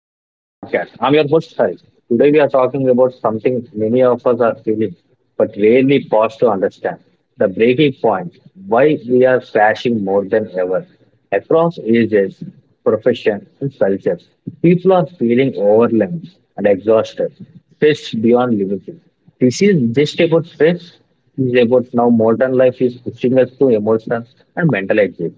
podcast. I'm your host Hari. Today we are talking about something many of us are feeling but rarely pause to understand. The breaking point. Why we are crashing more than ever. Across ages, professions and cultures. People are feeling overwhelmed and exhausted. Stressed beyond limits. This is just about stress. This is about now modern life is pushing us to emotional and mental exit.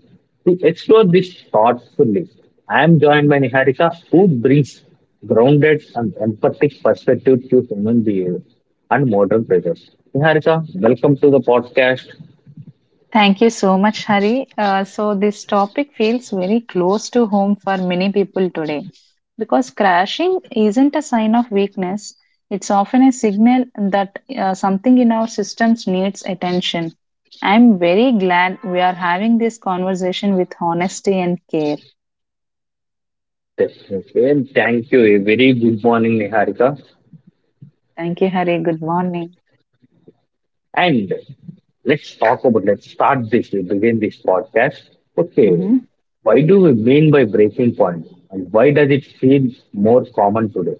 To explore this thoughtfully, I am joined by Niharika, who brings grounded and empathic perspective to human behavior and modern pressures. Niharika, welcome to the podcast. Thank you so much, Hari. This topic feels very close to home for many people today because crashing isn't a sign of weakness, it's often a signal that something in our systems needs attention. I'm very glad we are having this conversation with honesty and care. Definitely. And thank you. A very good morning, Niharika. Thank you, Hari. Good morning. And let's talk about, let's start this, we begin this podcast. Okay, Mhm. why do we mean by breaking point? And why does it feel more common today?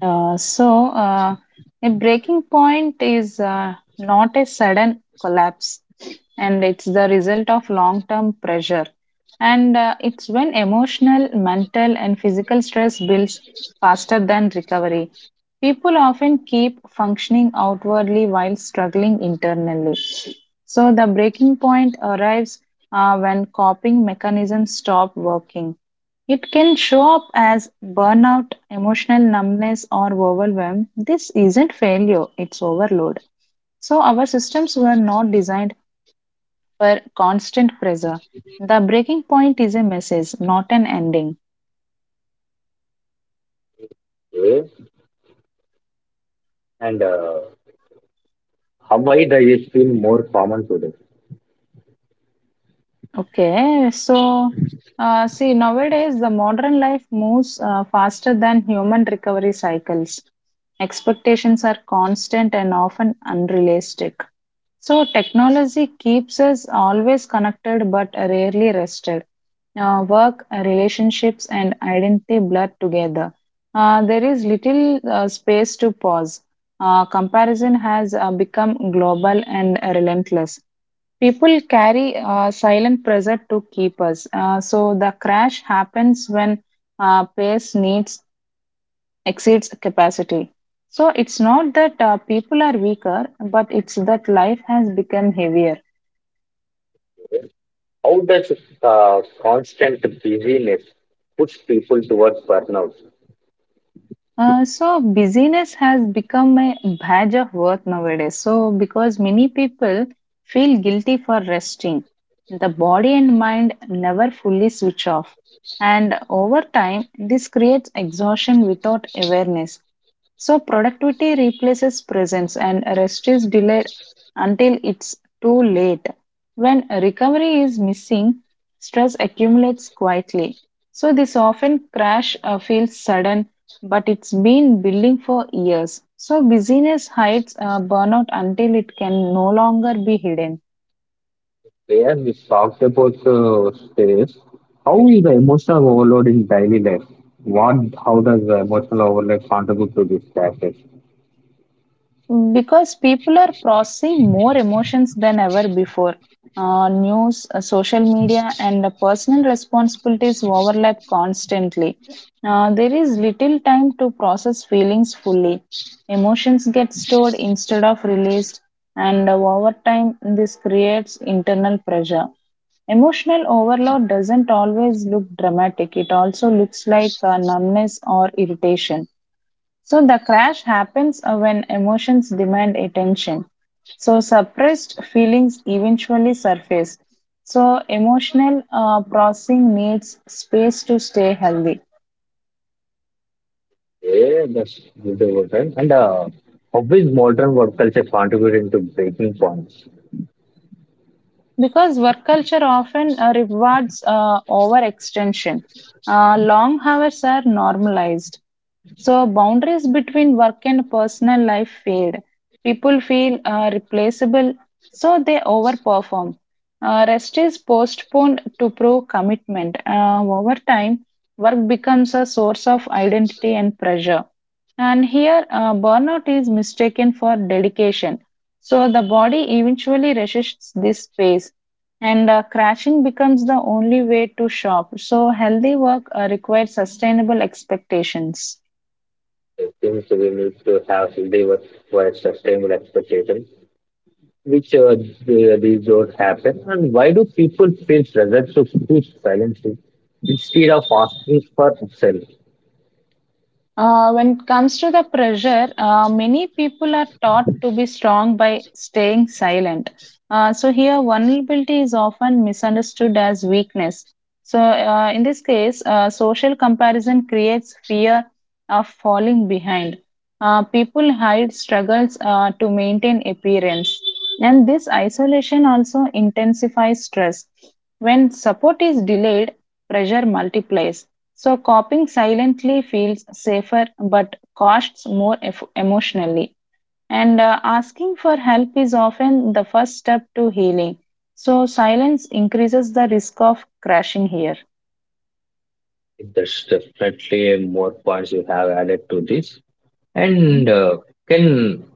Uh, so, uh, a breaking point is not a sudden collapse, and it's the result of long term pressure. And it's when emotional, mental, and physical stress builds faster than recovery. People often keep functioning outwardly while struggling internally. So the breaking point arrives when coping mechanisms stop working. It can show up as burnout, emotional numbness, or overwhelm. This isn't failure, it's overload. So our systems were not designed for constant pressure. The breaking point is a message, not an ending. Okay. And Avoid is been more common today. Okay, so see, nowadays the modern life moves faster than human recovery cycles. Expectations are constant and often unrealistic. So technology keeps us always connected but rarely rested. Work, relationships, and identity blur together. There is little space to pause. Comparison has become global and relentless. People carry silent pressure to keep us. So the crash happens when pace needs exceeds capacity. So it's not that people are weaker, but it's that life has become heavier. How does constant busyness push people towards burnout? So busyness has become a badge of worth nowadays. So because many people feel guilty for resting, the body and mind never fully switch off. And over time, this creates exhaustion without awareness. So productivity replaces presence and rest is delayed until it's too late. When recovery is missing, stress accumulates quietly. So this often crash feels sudden, but it's been building for years. So busyness hides burnout until it can no longer be hidden. Where we talked about stress, how is the emotional overload in daily life? What, how does the emotional overload contribute to this crisis? Because people are processing more emotions than ever before. News, social media, and the personal responsibilities overlap constantly. There is little time to process feelings fully. Emotions get stored instead of released, and over time, this creates internal pressure. Emotional overload doesn't always look dramatic, it also looks like numbness or irritation. So the crash happens when emotions demand attention. So suppressed feelings eventually surface. So emotional processing needs space to stay healthy. Yeah, that's good overtime. And how is modern work culture contributing to breaking points? Because work culture often rewards overextension. Long hours are normalized. So boundaries between work and personal life fade. People feel replaceable, so they overperform. Rest is postponed to prove commitment. Over time, work becomes a source of identity and pressure. And here, burnout is mistaken for dedication, so the body eventually resists this space, and crashing becomes the only way to shop. So healthy work requires sustainable expectations. I think we need to have healthy work for sustainable expectations which these don't happen, and why do people feel pressured to choose silently instead of asking for help? When it comes to the pressure, many people are taught to be strong by staying silent. So, here, vulnerability is often misunderstood as weakness. So in this case, social comparison creates fear of falling behind. People hide struggles to maintain appearance. And this isolation also intensifies stress. When support is delayed, pressure multiplies, so coping silently feels safer but costs more emotionally. And asking for help is often the first step to healing. So silence increases the risk of crashing here. That's definitely more points you have added to this. And can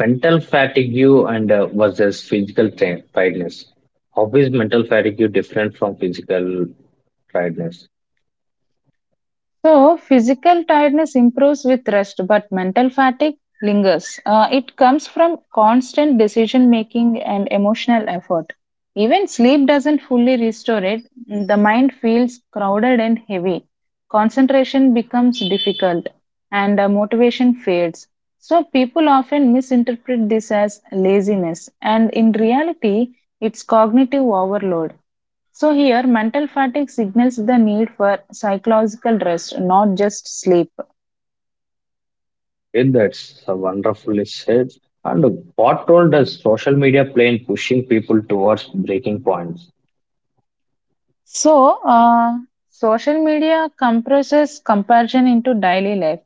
mental fatigue and versus physical tiredness? How is mental fatigue different from physical tiredness? So physical tiredness improves with rest, but mental fatigue lingers. It comes from constant decision making and emotional effort. Even sleep doesn't fully restore it. The mind feels crowded and heavy. Concentration becomes difficult, and motivation fades. So people often misinterpret this as laziness, and in reality, it's cognitive overload. So here mental fatigue signals the need for psychological rest, not just sleep. It, that's wonderfully said. And what role does social media play in pushing people towards breaking points? So, uh, Social media compresses comparison into daily life.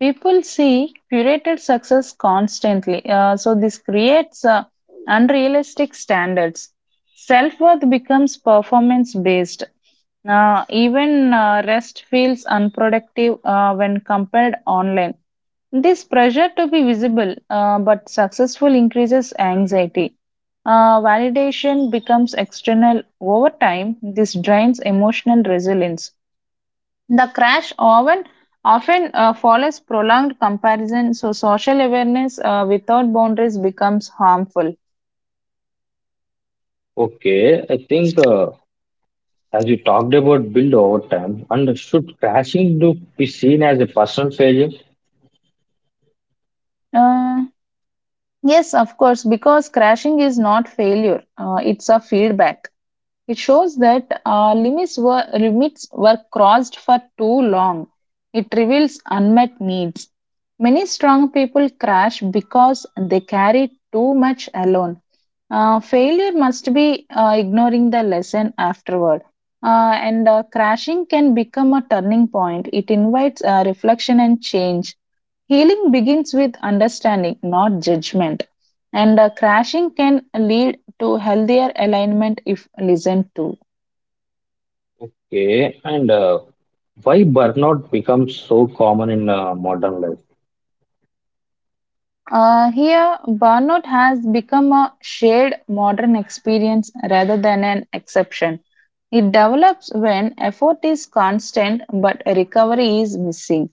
People see curated success constantly. This creates unrealistic standards. Self worth becomes performance based. Even rest feels unproductive when compared online. This pressure to be visible but successful increases anxiety. Validation becomes external. Over time, this drains emotional resilience. The crash often follows prolonged comparison, so social awareness without boundaries becomes harmful. Okay, I think as we talked about build over time, and should crashing do be seen as a personal failure? Uh, yes, of course, because crashing is not failure, it's a feedback. It shows that limits were crossed for too long. It reveals unmet needs. Many strong people crash because they carry too much alone. Failure must be ignoring the lesson afterward. And Crashing can become a turning point. It invites reflection and change. Healing begins with understanding, not judgment. And crashing can lead to healthier alignment if listened to. Okay, and why burnout becomes so common in modern life? Here, burnout has become a shared modern experience rather than an exception. It develops when effort is constant but recovery is missing.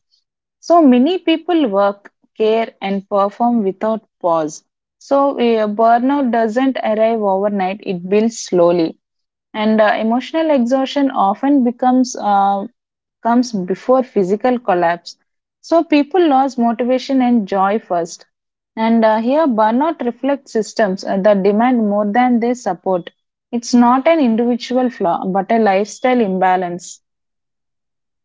So many people work, care, and perform without pause. So burnout doesn't arrive overnight, it builds slowly. And emotional exhaustion often becomes comes before physical collapse, so people lose motivation and joy first, and here burnout reflects systems that demand more than they support. It's not an individual flaw but a lifestyle imbalance.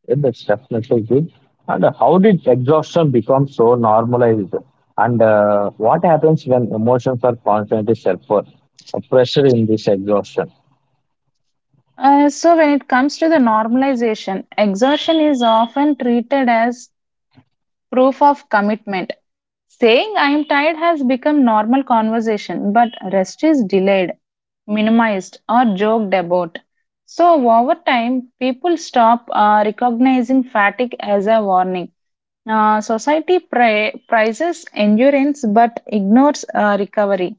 Yeah, that's definitely good. And how did exhaustion become so normalized? And what happens when emotions are constantly self for pressure in this exhaustion? So when it comes to the normalization, exhaustion is often treated as proof of commitment. Saying I am tired has become normal conversation, but rest is delayed, minimized or joked about. So over time, people stop recognizing fatigue as a warning. Society prizes endurance but ignores recovery.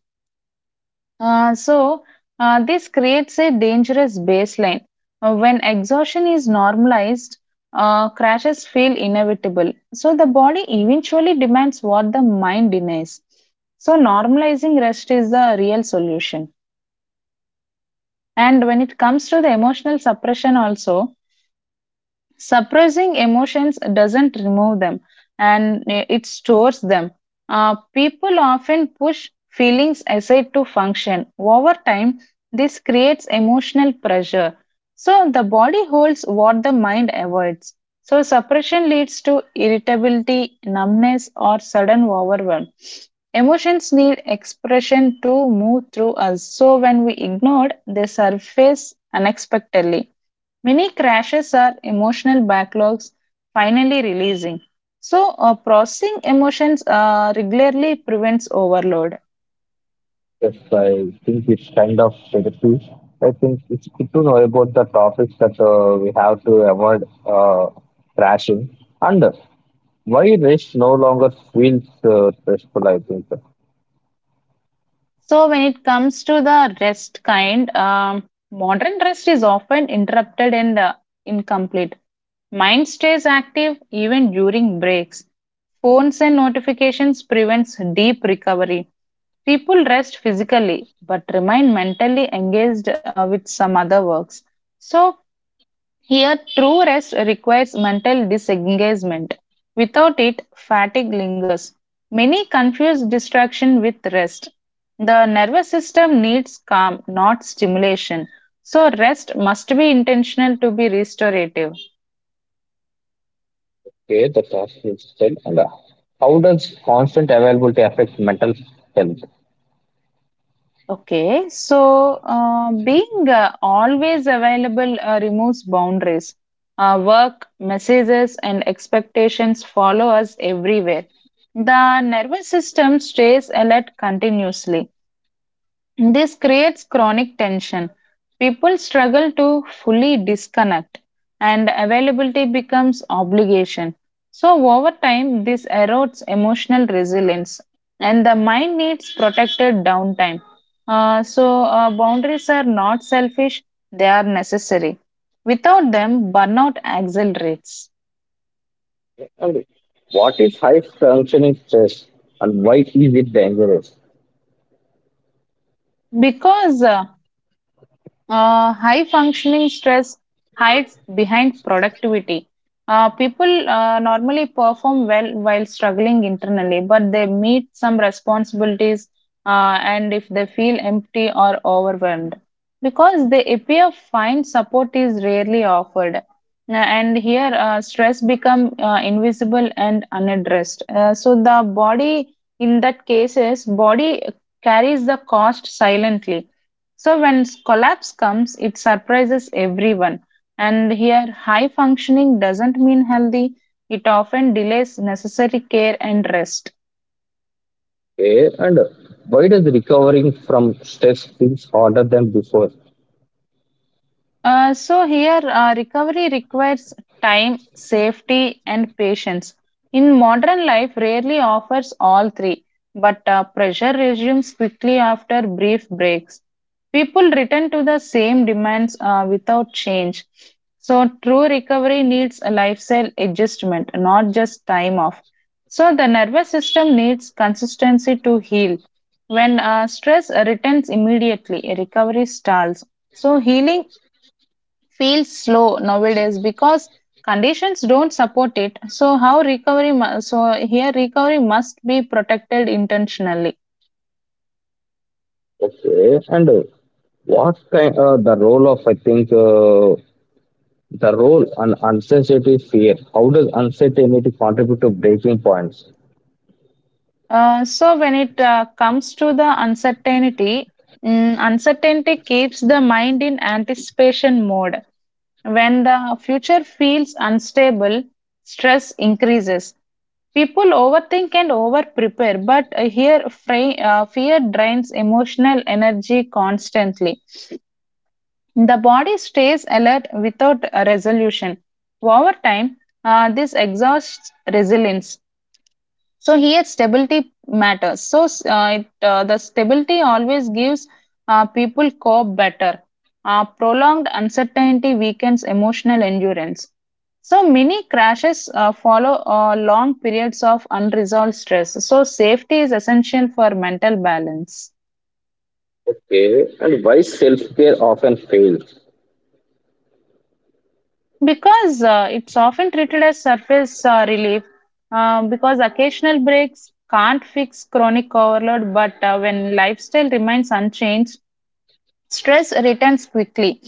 Uh, so, this creates a dangerous baseline. When exhaustion is normalized, crashes feel inevitable. So the body eventually demands what the mind denies. So normalizing rest is the real solution. And when it comes to the emotional suppression, also, suppressing emotions doesn't remove them, and it stores them. People often push feelings aside to function. Over time, this creates emotional pressure. So the body holds what the mind avoids. So suppression leads to irritability, numbness, or sudden overwhelm. Emotions need expression to move through us, so when we ignore, they surface unexpectedly. Many crashes are emotional backlogs finally releasing. So processing emotions regularly prevents overload. Yes, I think it's kind of productive. I think it's good to know about the topics that we have to avoid crashing under. Why race no longer feels stressful, I think. So, when it comes to the rest kind, modern rest is often interrupted and incomplete. Mind stays active even during breaks. Phones and notifications prevents deep recovery. People rest physically but remain mentally engaged with some other works. So here true rest requires mental disengagement. Without it, fatigue lingers. Many confuse distraction with rest. The nervous system needs calm, not stimulation. So rest must be intentional to be restorative. Okay, the task is done. And how does constant availability affect mental health? Okay, so being always available removes boundaries. Work, messages, and expectations follow us everywhere. The nervous system stays alert continuously. This creates chronic tension. People struggle to fully disconnect, and availability becomes obligation. So over time, this erodes emotional resilience, and the mind needs protected downtime. Boundaries are not selfish, they are necessary. Without them, burnout accelerates, And what is high functioning stress and why is it dangerous? because high functioning stress hides behind productivity. People normally perform well while struggling internally, but they meet some responsibilities and if they feel empty or overwhelmed. Because they appear fine, support is rarely offered. And here, stress become invisible and unaddressed. So the body, in that cases, body carries the cost silently, so when collapse comes, it surprises everyone. And here, high functioning doesn't mean healthy, it often delays necessary care and rest. Okay, and why does recovering from stress feels harder than before? So here, recovery requires time, safety, and patience. In modern life, rarely offers all three, but pressure resumes quickly after brief breaks. People return to the same demands without change. So true recovery needs a lifestyle adjustment, not just time off. So the nervous system needs consistency to heal. When stress returns immediately, recovery stalls. So healing feels slow nowadays because conditions don't support it, so here recovery must be protected intentionally. Okay, and what kind the role of I think the role and uncertainty fear? How does uncertainty contribute to breaking points? When it comes to the uncertainty, uncertainty keeps the mind in anticipation mode. When the future feels unstable, stress increases. People overthink and overprepare, but here fear drains emotional energy constantly. The body stays alert without a resolution. Over time, this exhausts resilience. So here, stability matters. The stability always gives people cope better. Prolonged uncertainty weakens emotional endurance. So many crashes follow long periods of unresolved stress. So safety is essential for mental balance. Okay, and why self care often fails? Because it's often treated as surface relief, because occasional breaks can't fix chronic overload, but when lifestyle remains unchanged, stress returns quickly.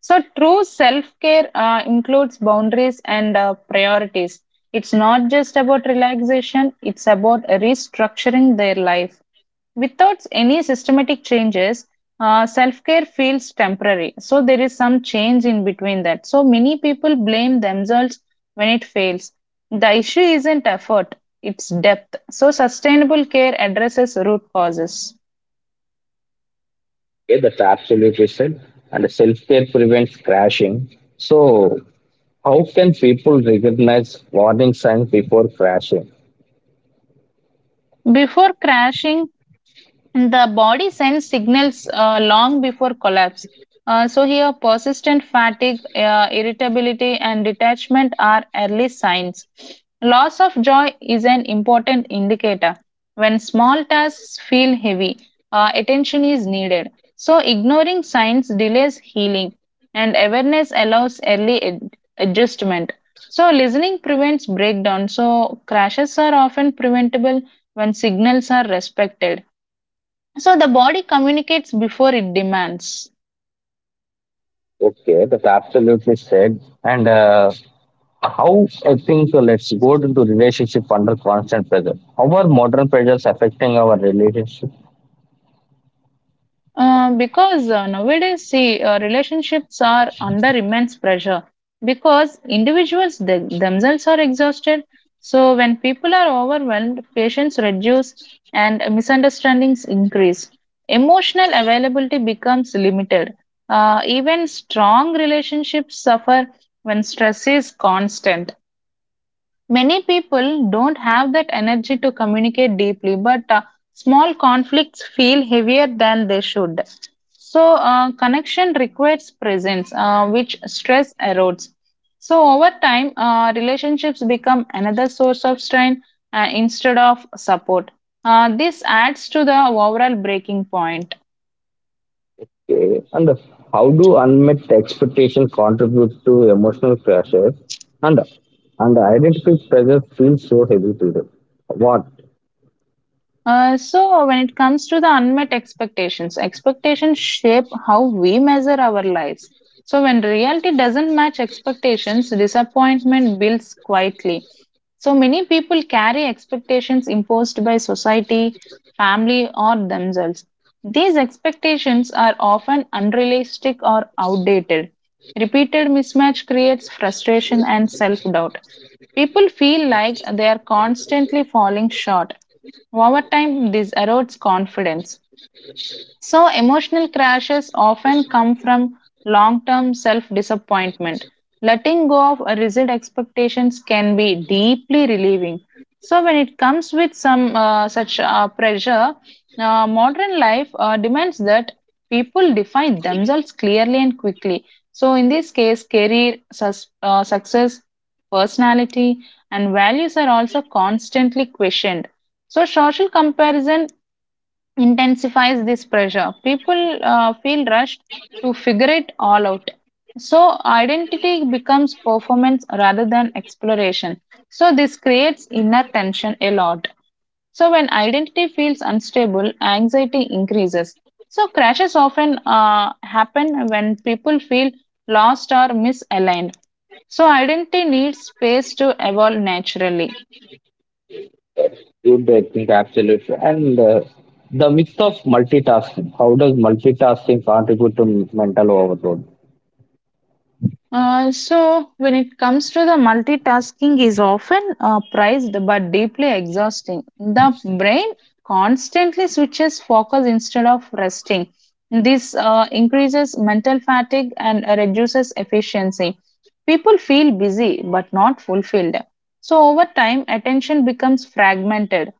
So true self care includes boundaries and priorities. It's not just about relaxation, it's about restructuring their life. Without any systematic changes, self care feels temporary. So there is some change in between that. So many people blame themselves when it fails. The issue isn't effort, it's depth. So sustainable care addresses root causes. Okay, that's absolutely said. And self care prevents crashing. So, how can people recognize warning signs before crashing? Before crashing, the body sends signals long before collapse. Here persistent fatigue, irritability, and detachment are early signs. Loss of joy is an important indicator. When small tasks feel heavy, attention is needed. So, ignoring signs delays healing, and awareness allows early adjustment. So, listening prevents breakdown. So, crashes are often preventable when signals are respected. So the body communicates before it demands. Okay, that's absolutely said. And How I think let's go into relationship under constant pressure. How are modern pressures affecting our relationship? Because Nowadays, see, relationships are under immense pressure because individuals, they themselves are exhausted. So when people are overwhelmed, patience reduce and misunderstandings increase. Emotional availability becomes limited. Even strong relationships suffer when stress is constant. Many people don't have that energy to communicate deeply, but small conflicts feel heavier than they should. So, connection requires presence, which stress erodes. So, over time, relationships become another source of strain instead of support. This adds to the overall breaking point. Okay. And how do unmet expectations contribute to emotional pressure? And identity pressure feels so heavy today. What? So when it comes to the unmet expectations, expectations shape how we measure our lives. So when reality doesn't match expectations, disappointment builds quietly. So many people carry expectations imposed by society, family, or themselves. These expectations are often unrealistic or outdated. Repeated mismatch creates frustration and self doubt. People feel like they are constantly falling short over time, this erodes confidence. So, emotional crashes often come from long term self disappointment. Letting go of rigid expectations can be deeply relieving. So, when it comes with some such pressure, modern life demands that people define themselves clearly and quickly. So, in this case, career, success, personality, and values are also constantly questioned. So, social comparison intensifies this pressure. People feel rushed to figure it all out. So, identity becomes performance rather than exploration. So, this creates inner tension a lot. So, when identity feels unstable, anxiety increases. So, crashes often happen when people feel lost or misaligned. So, identity needs space to evolve naturally. Good, I think absolutely. And the myth of multitasking. How does multitasking contribute to mental overload? So, when it comes to the multitasking, is often prized but deeply exhausting. The brain constantly switches focus instead of resting. This increases mental fatigue and reduces efficiency. People feel busy but not fulfilled. So, over time, attention becomes fragmented,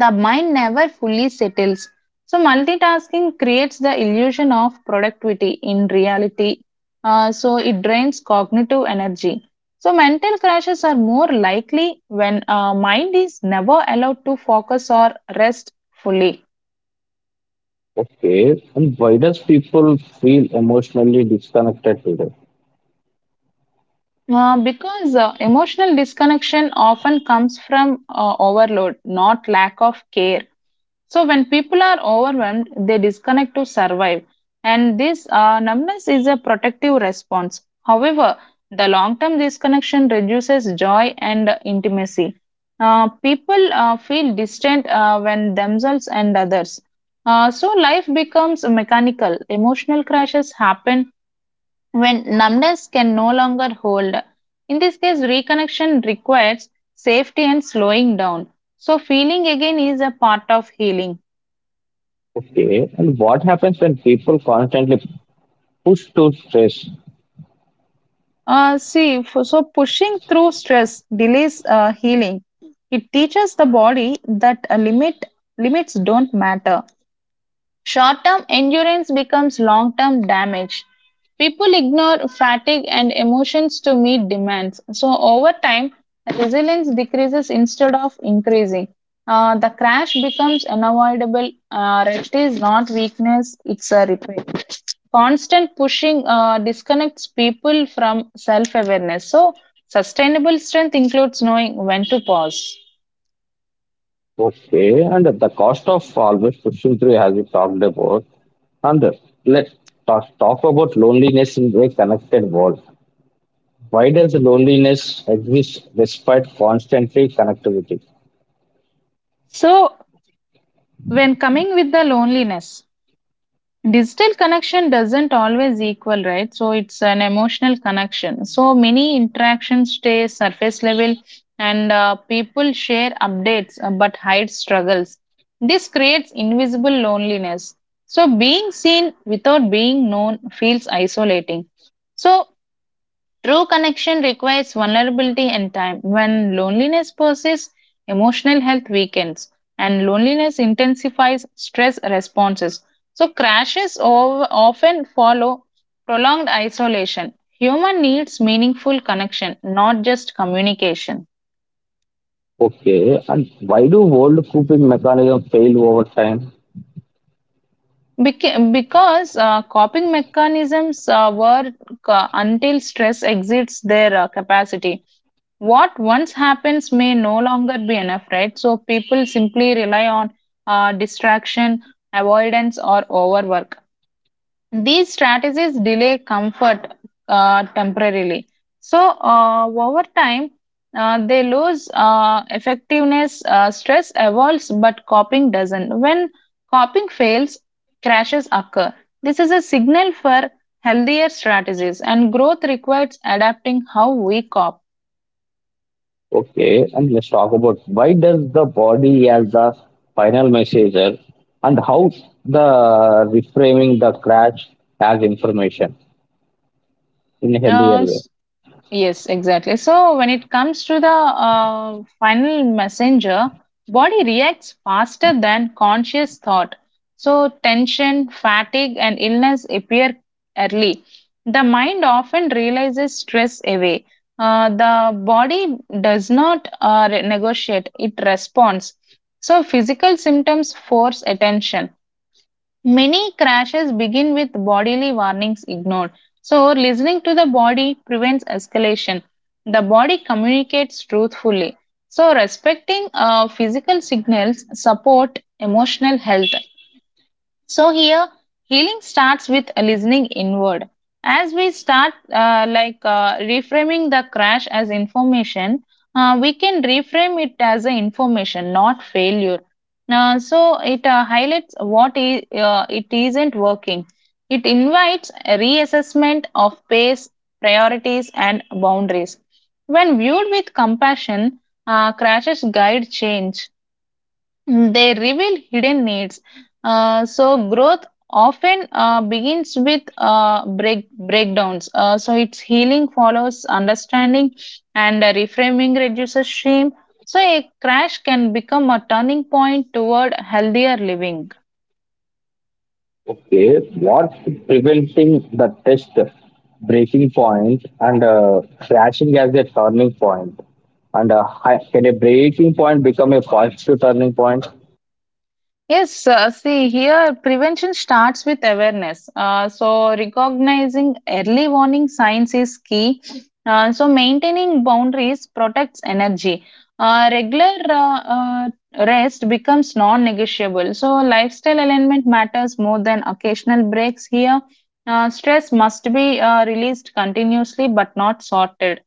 the mind never fully settles. So, multitasking creates the illusion of productivity in reality. So, it drains cognitive energy. So, mental crashes are more likely when mind is never allowed to focus or rest fully. Okay. And why does people feel emotionally disconnected today? Because Emotional disconnection often comes from overload, not lack of care. So, when people are overwhelmed, they disconnect to survive, and this numbness is a protective response. However, the long term disconnection reduces joy and intimacy. People feel distant when themselves and others. So, life becomes mechanical. Emotional crashes happen when numbness can no longer hold. In this case, reconnection requires safety and slowing down. So, feeling again is a part of healing. Okay, and what happens when people constantly push to stress? So pushing through stress delays healing. It teaches the body that a limit limits don't matter. Short term endurance becomes long term damage. People ignore fatigue and emotions to meet demands. So, over time, resilience decreases instead of increasing. The crash becomes unavoidable. Rest is not weakness, it's a repair. Constant pushing disconnects people from self awareness. So, sustainable strength includes knowing when to pause. Okay, and the cost of always pushing through has been talked about. And let's talk about loneliness in a connected world. Why does loneliness exist despite constantly connectivity? So, when coming with the loneliness, digital connection doesn't always equal, right? So it's an emotional connection. So many interactions stay surface level and people share updates but hide struggles. This creates invisible loneliness. So being seen without being known feels isolating. So true connection requires vulnerability and time. When loneliness persists, emotional health weakens and loneliness intensifies stress responses. So, crashes often follow prolonged isolation. Human needs meaningful connection, not just communication. Okay, and why do old coping mechanisms fail over time? Bec- because coping mechanisms work until stress exceeds their capacity. What once happens may no longer be enough, right? So people simply rely on distraction, avoidance, or overwork. These strategies delay comfort temporarily. So, over time, they lose effectiveness. Stress evolves, but coping doesn't. When coping fails, crashes occur. This is a signal for healthier strategies, and growth requires adapting how we cop. Okay, and let's talk about why does the body as the final messenger and how the reframing the crash as information in a healthier Uh, way. Yes, exactly. So when it comes to the final messenger, body reacts faster than conscious thought. So tension, fatigue, and illness appear early. The mind often realizes stress away. The body does not negotiate; it responds. So physical symptoms force attention. Many crashes begin with bodily warnings ignored. So, listening to the body prevents escalation. The body communicates truthfully. So, respecting physical signals support emotional health. So here, healing starts with listening inward. As we start reframing the crash as information, we can reframe it as an information, not failure. So it highlights what it isn't working. It invites a reassessment of pace, priorities, and boundaries. When viewed with compassion, crashes guide change, they reveal hidden needs. So growth often begins with breakdowns. So its healing follows understanding, and reframing reduces shame. So a crash can become a turning point toward healthier living. Okay, what preventing the test breaking point and crashing as a turning point? And can a breaking point become a positive turning point? Yes, see here, prevention starts with awareness. So, recognizing early warning signs is key. So, maintaining boundaries protects energy. Regular rest becomes non negotiable. So, lifestyle alignment matters more than occasional breaks here. Stress must be released continuously but not sorted.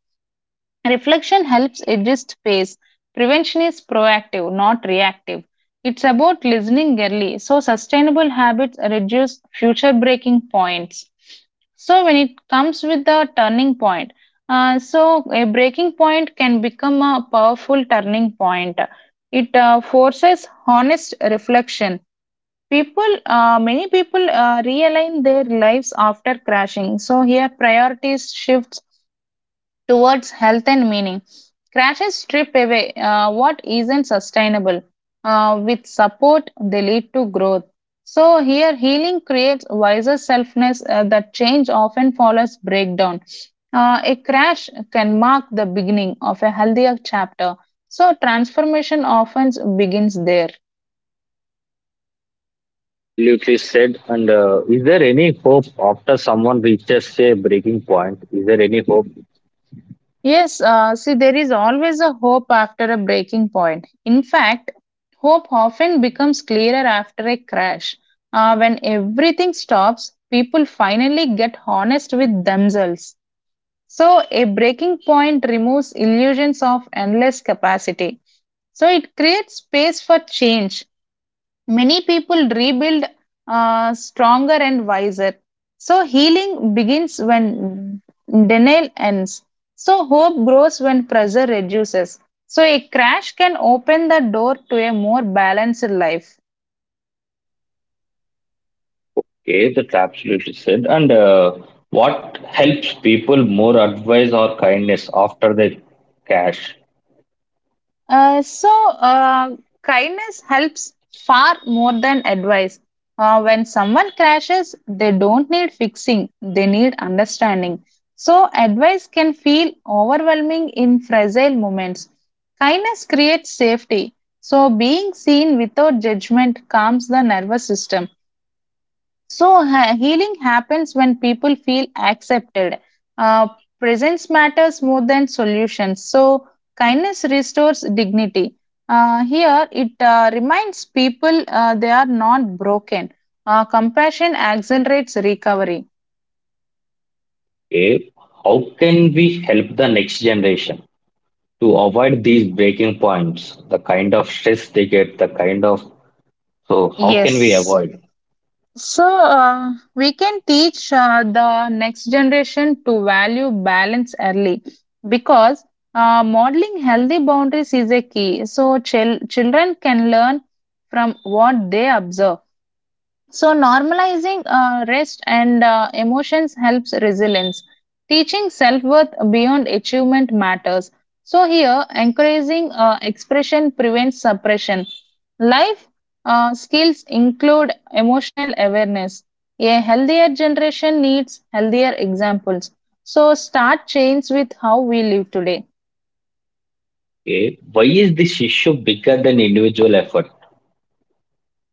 Reflection helps adjust pace. Prevention is proactive, not reactive. It's about listening early, so sustainable habits reduce future breaking points. So when it comes with the turning point, so a breaking point can become a powerful turning point. It forces honest reflection. Many people realign their lives after crashing. So here priorities shifts towards health and meaning. Crashes strip away what isn't sustainable. With support, they lead to growth. So, here healing creates wiser selfness that change often follows breakdown. A crash can mark the beginning of a healthier chapter. So, transformation often begins there. Absolutely said. And is there any hope after someone reaches a breaking point? Is there any hope? Yes, see, there is always a hope after a breaking point. In fact, hope often becomes clearer after a crash. When everything stops, people finally get honest with themselves. So, a breaking point removes illusions of endless capacity. So, it creates space for change. Many people rebuild stronger and wiser. So, healing begins when denial ends. So, hope grows when pressure reduces. So, a crash can open the door to a more balanced life. Okay, that's absolutely said. And what helps people more advice or kindness after they cash? Uh, so, uh, Kindness helps far more than advice. When someone crashes, they don't need fixing, they need understanding. So, advice can feel overwhelming in fragile moments. Kindness creates safety. So, being seen without judgment calms the nervous system. So, healing happens when people feel accepted. Uh, Presence matters more than solutions. So, kindness restores dignity. Here, it reminds people they are not broken. Compassion accelerates recovery. Okay, how can we help the next generation to avoid these breaking points, the kind of stress they get, the kind of so how can we Yes. avoid? So, we can teach the next generation to value balance early because modeling healthy boundaries is a key. So, children can learn from what they observe. So, normalizing rest and emotions helps resilience. Teaching self worth beyond achievement matters. So, here, encouraging expression prevents suppression. Life skills include emotional awareness. A healthier generation needs healthier examples. So, start change with how we live today. Okay, why is this issue bigger than individual effort?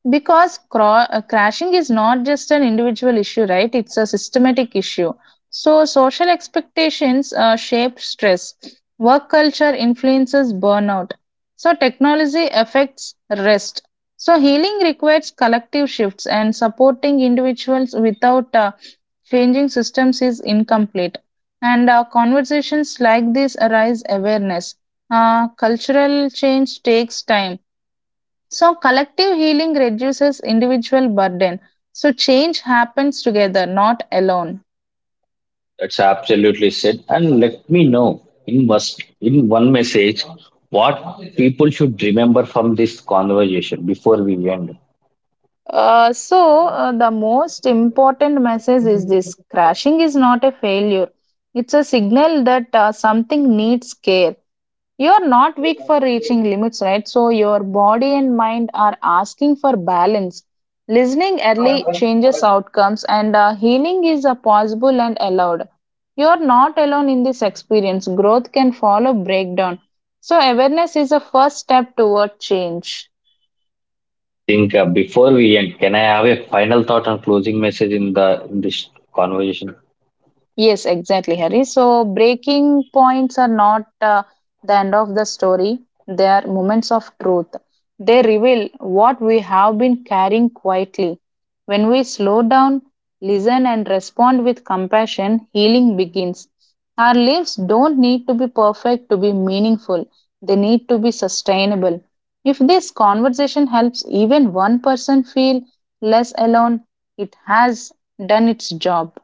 Because crashing is not just an individual issue, right? It's a systematic issue. So social expectations shape stress, work culture influences burnout, so technology affects rest, so healing requires collective shifts, and supporting individuals without changing systems is incomplete, and conversations like this arise awareness. Cultural change takes time, so collective healing reduces individual burden. So, change happens together, not alone. That's absolutely said. And let me know in must in one message what people should remember from this conversation before we end. The most important message is this: crashing is not a failure, it's a signal that something needs care. You are not weak for reaching limits, right? So your body and mind are asking for balance. Listening early changes outcomes, and healing is possible and allowed. You are not alone in this experience. Growth can follow breakdown. So awareness is a first step toward change. Think before we end, can I have a final thought and closing message in the in this conversation? Yes, exactly, Harry. So, breaking points are not the end of the story, they are moments of truth. They reveal what we have been carrying quietly. When we slow down, listen, and respond with compassion, healing begins. Our lives don't need to be perfect to be meaningful, they need to be sustainable. If this conversation helps even one person feel less alone, it has done its job.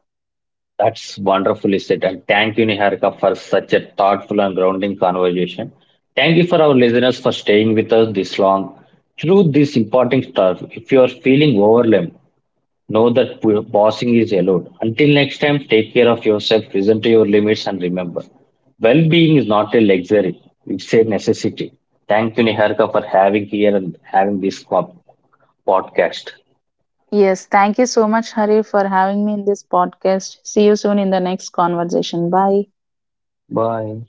That's wonderfully said. And thank you, Niharika, for such a thoughtful and grounding conversation. Thank you for our listeners for staying with us this long. Through this important stuff, if you are feeling overwhelmed, know that bossing is allowed. Until next time, take care of yourself, listen to your limits, and remember, well-being is not a luxury; it's a necessity. Thank you, Niharika, for having here and having this call. Podcast. Yes, thank you so much, Hari, for having me in this podcast. See you soon in the next conversation. Bye. Bye.